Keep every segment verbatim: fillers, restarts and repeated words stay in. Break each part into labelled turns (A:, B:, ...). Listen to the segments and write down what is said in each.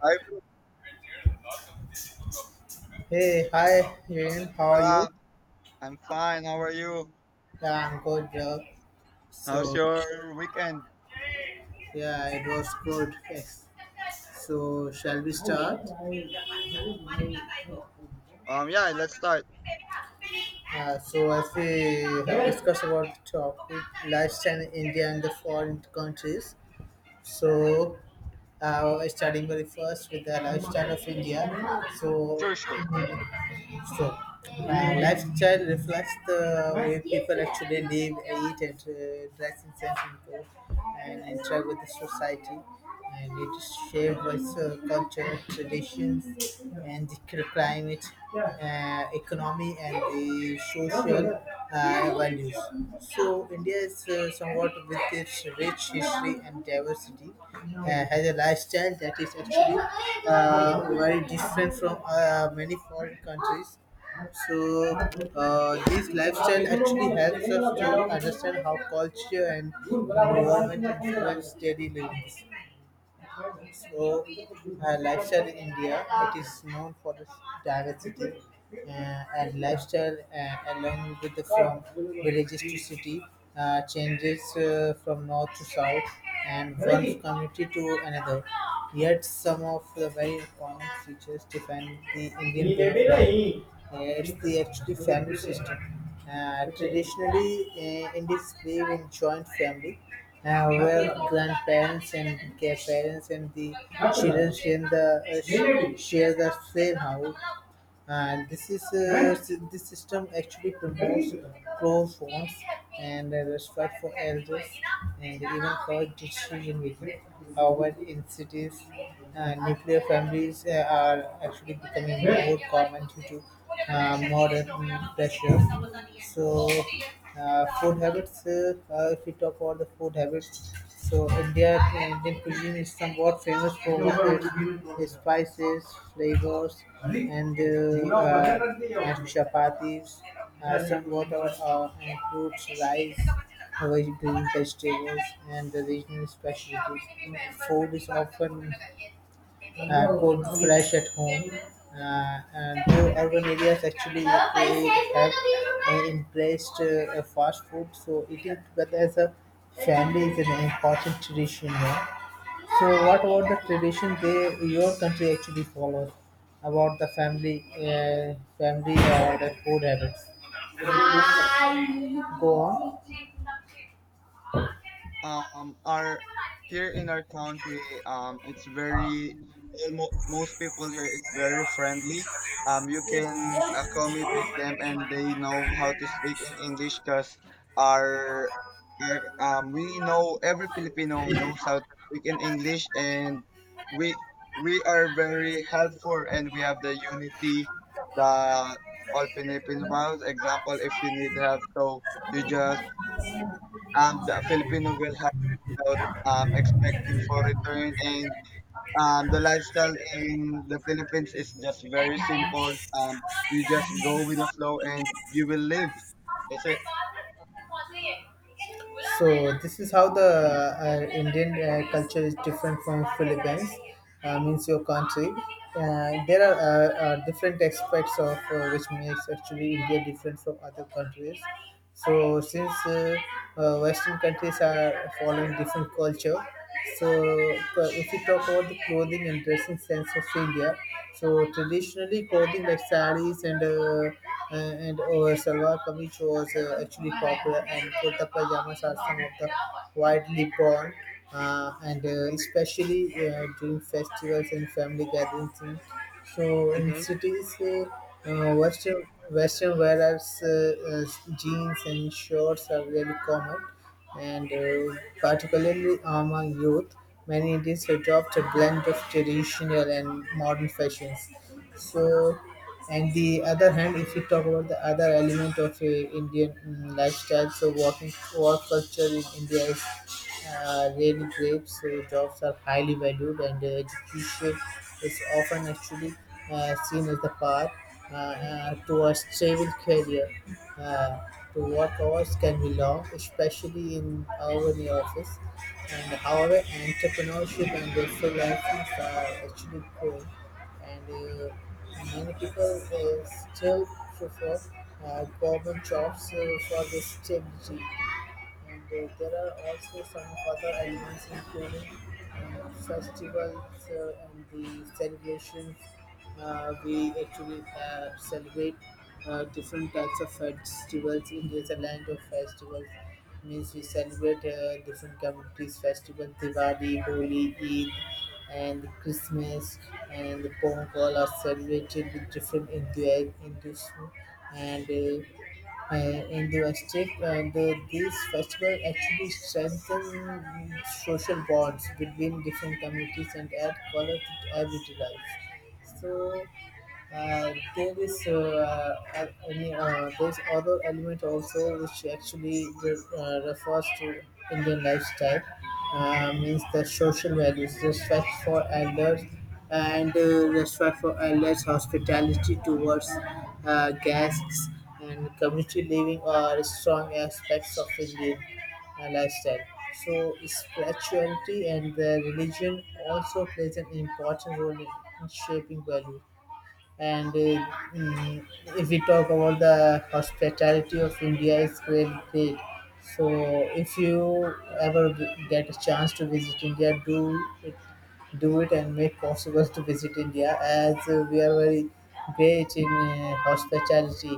A: Hi,
B: Hey, hi, Jane. How are
A: what's
B: you?
A: up? I'm fine. How are you?
B: Yeah, I'm good. Yeah.
A: How's
B: So,
A: your weekend?
B: yeah, it was good. Yes. So, shall we start?
A: Um, yeah, let's start.
B: Uh, so, as we have discussed about the topic, lifestyle in India and the foreign countries. So, uh, starting very first with the lifestyle of India. So,
A: Sure, sure.
B: So, uh, lifestyle reflects the way people actually live, eat, and uh, dress in San Francisco and interact with the society. And it is shaped by uh, culture, traditions, and the cl- climate, uh, economy, and the social uh, values. So, India is uh, somewhat with its rich history and diversity, uh, has a lifestyle that is actually uh, very different from uh, many foreign countries, so uh, this lifestyle actually helps us to understand how culture and environment influence daily living. So, uh, lifestyle in India, it is known for its diversity, uh, and lifestyle uh, along with the from villages to city uh, changes uh, from north to south and one community to another. Yet some of the very common features define the Indian background. Uh, it's the actually family system. Uh, traditionally, uh, Indians live in joint family, uh, well, grandparents and their parents and the children share the uh, sh- share the same house, and this is uh, sy- this system actually promotes pro phones and uh, respect for elders and even for decision making. However, in cities, uh, nuclear families uh, are actually becoming more common due to uh, modern mm, pressures. So, uh, food habits. Uh, uh, if we talk about the food habits, so India Indian cuisine is somewhat famous for its spices, flavors, and uh, uh, and chapatis are somewhat our uh, and fruits, rice, vegetable, vegetables, and the regional specialties. Food is often uh, cooked fresh at home, uh, and though urban areas actually they have uh, embraced uh, a fast food, so eating together as a family is an important tradition here. So, what about the tradition they your country actually follows about the family, uh, family or the food habits? Go on.
A: Um, our here in our country, um, it's very well, mo- most people here is very friendly. Um, you can accommodate them, and they know how to speak in English because our, our um we know every Filipino knows how to speak in English, and we we are very helpful, and we have the unity, the all Filipino. Example, if you need help, so you just um, the Filipino will have without um, expecting for return. And um, the lifestyle in the Philippines is just very simple. Um, you just go with the flow and you will live. That's it.
B: So this is how the uh, Indian uh, culture is different from Philippines. Uh, means your country. Uh, there are uh, uh, different aspects of uh, which makes actually India different from other countries. So since uh, uh, Western countries are following different culture, so uh, if we talk about the clothing and dressing sense of India, so traditionally clothing like saris and uh, uh, and uh, salwar kameez was uh, actually popular, and kurta pajamas are some of the widely worn. Uh, and uh, Especially uh, during festivals and family gatherings. In- So in
A: Mhm.
B: cities, uh, uh, Western Western wearers, uh, uh, jeans and shorts are very common, and uh, particularly among youth, many Indians adopt a blend of traditional and modern fashions. So, and the other hand, if you talk about the other element of uh, Indian mm, lifestyle, so walking, walk culture in India is uh, really great. So jobs are highly valued, and uh, education is often actually uh, seen as the path uh, uh, to a stable career. Uh, to work hours can be long, especially in our in office. And however, entrepreneurship and freelancing are actually growing, and uh, many people uh, still prefer uh, government jobs uh, for the stability, and uh, there are also some other elements including uh, festivals uh, and the celebrations. Uh, we actually uh, celebrate uh, different types of festivals. India is a land of festivals. Means we celebrate uh, different communities' festival, Diwali, Holi, Eid, and Christmas, and the Pongal are celebrated with different enthu- enthusiasm and uh, uh, in the district, and uh, the, these festivals actually strengthen social bonds between different communities and add color to everyday life. So uh, there is uh, uh, any, uh, there's other element also which actually uh, refers to Indian lifestyle, uh, means the social values, respect for elders and uh, respect for elders, hospitality towards uh, guests, and community living are strong aspects of Indian uh, lifestyle. So spirituality and the religion also plays an important role in in shaping value, and uh, mm, if we talk about the hospitality of India, it's great, great. So if you ever g- get a chance to visit India, do it, do it, and make possible to visit India as uh, we are very great in uh, hospitality.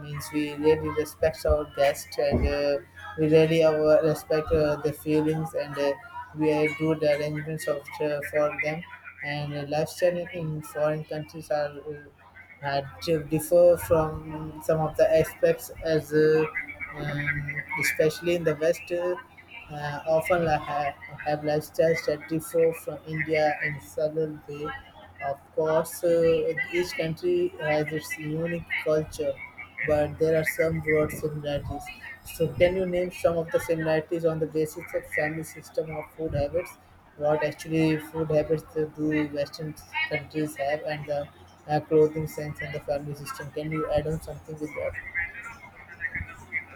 B: Means we really respect our guests, and uh, we really our respect uh, their feelings, and uh, we do the arrangements of uh, for them, and uh, lifestyle in in foreign countries are uh, had to differ from some of the aspects as uh, um, especially in the West. Uh, uh, often la- ha- have lifestyles that differ from India in several way. Of course, uh, each country has its unique culture, but there are some broad similarities. So, can you name some of the similarities on the basis of family system of food habits? What actually food habits do do Western countries have, and the uh, clothing sense and the family system? Can you add on something with that?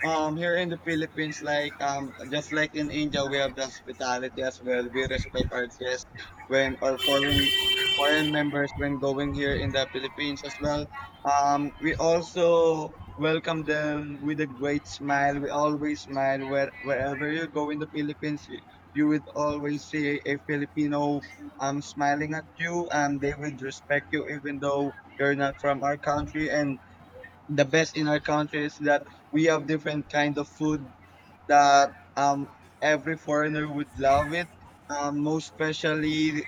A: Um, here in the Philippines, like um, just like in India, we have the hospitality as well. We respect our guests when or foreign foreign members when going here in the Philippines as well. Um, we also welcome them with a great smile. We always smile where wherever you go in the Philippines, you, you would always see a Filipino um smiling at you, and they would respect you even though you're not from our country. And the best in our country is that we have different kind of food that um every foreigner would love it, um most especially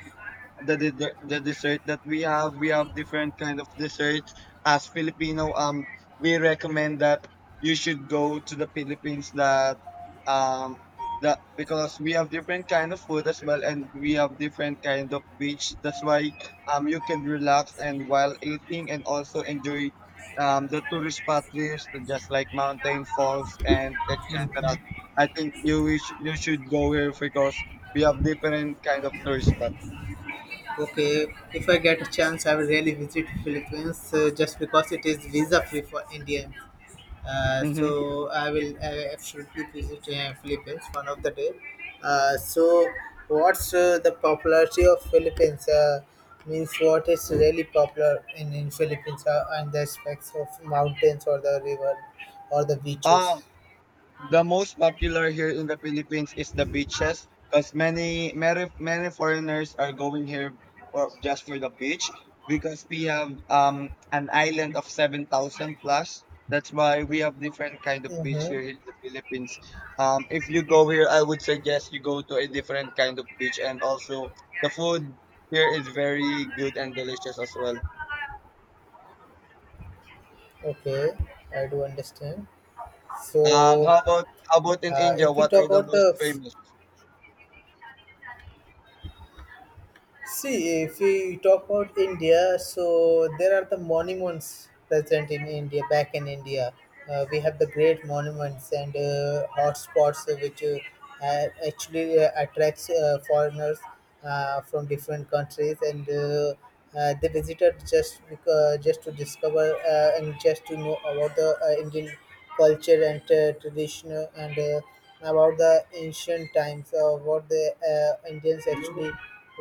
A: the the, the dessert that we have. We have different kind of desserts as Filipino. Um we recommend that you should go to the Philippines, that um that because we have different kind of food as well, and we have different kind of beach. That's why um you can relax and while eating and also enjoy um the tourist spot there, so just like mountain falls and etc. I think you wish you should go here because we have different kind of tourist spot.
B: Okay, if I get a chance, I will really visit Philippines, uh, just because it is visa free for Indians. Uh,
A: Mhm.
B: so I will uh, absolutely visit uh, Philippines one of the day. Uh, so what's uh, the popularity of Philippines? Uh, means what is really popular in in Philippines, uh, and the aspects of mountains or the river or the beaches.
A: Um, the most popular here in the Philippines is the beaches because many, many many foreigners are going here for just for the beach because we have um an island of seven thousand plus. That's why we have different kind of beach
B: Mm-hmm.
A: here in the Philippines. Um, if you go here, I would suggest you go to a different kind of beach, and also the food here is very good and delicious as well.
B: Okay, I do understand.
A: Um,
B: So,
A: how about how about in
B: uh,
A: India?
B: if we
A: What
B: talk
A: are the
B: about
A: most
B: the
A: famous?
B: See, if we talk about India, so there are the monuments present in India, back in India. Uh, we have the great monuments and uh, hotspots uh, which uh, a- actually uh, attracts uh, foreigners uh, from different countries, and uh, uh, they visited just because, just to discover uh, and just to know about the uh, Indian culture and uh, tradition, and uh, about the ancient times, uh, what the uh, Indians actually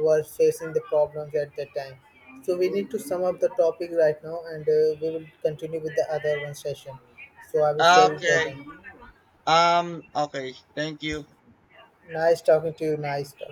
B: were facing the problems at that time. So we need to sum up the topic right now, and uh, we will continue with the other one session. So I will share it
A: Okay.
B: again.
A: Um, okay. Thank you.
B: Nice talking to you, nice talk.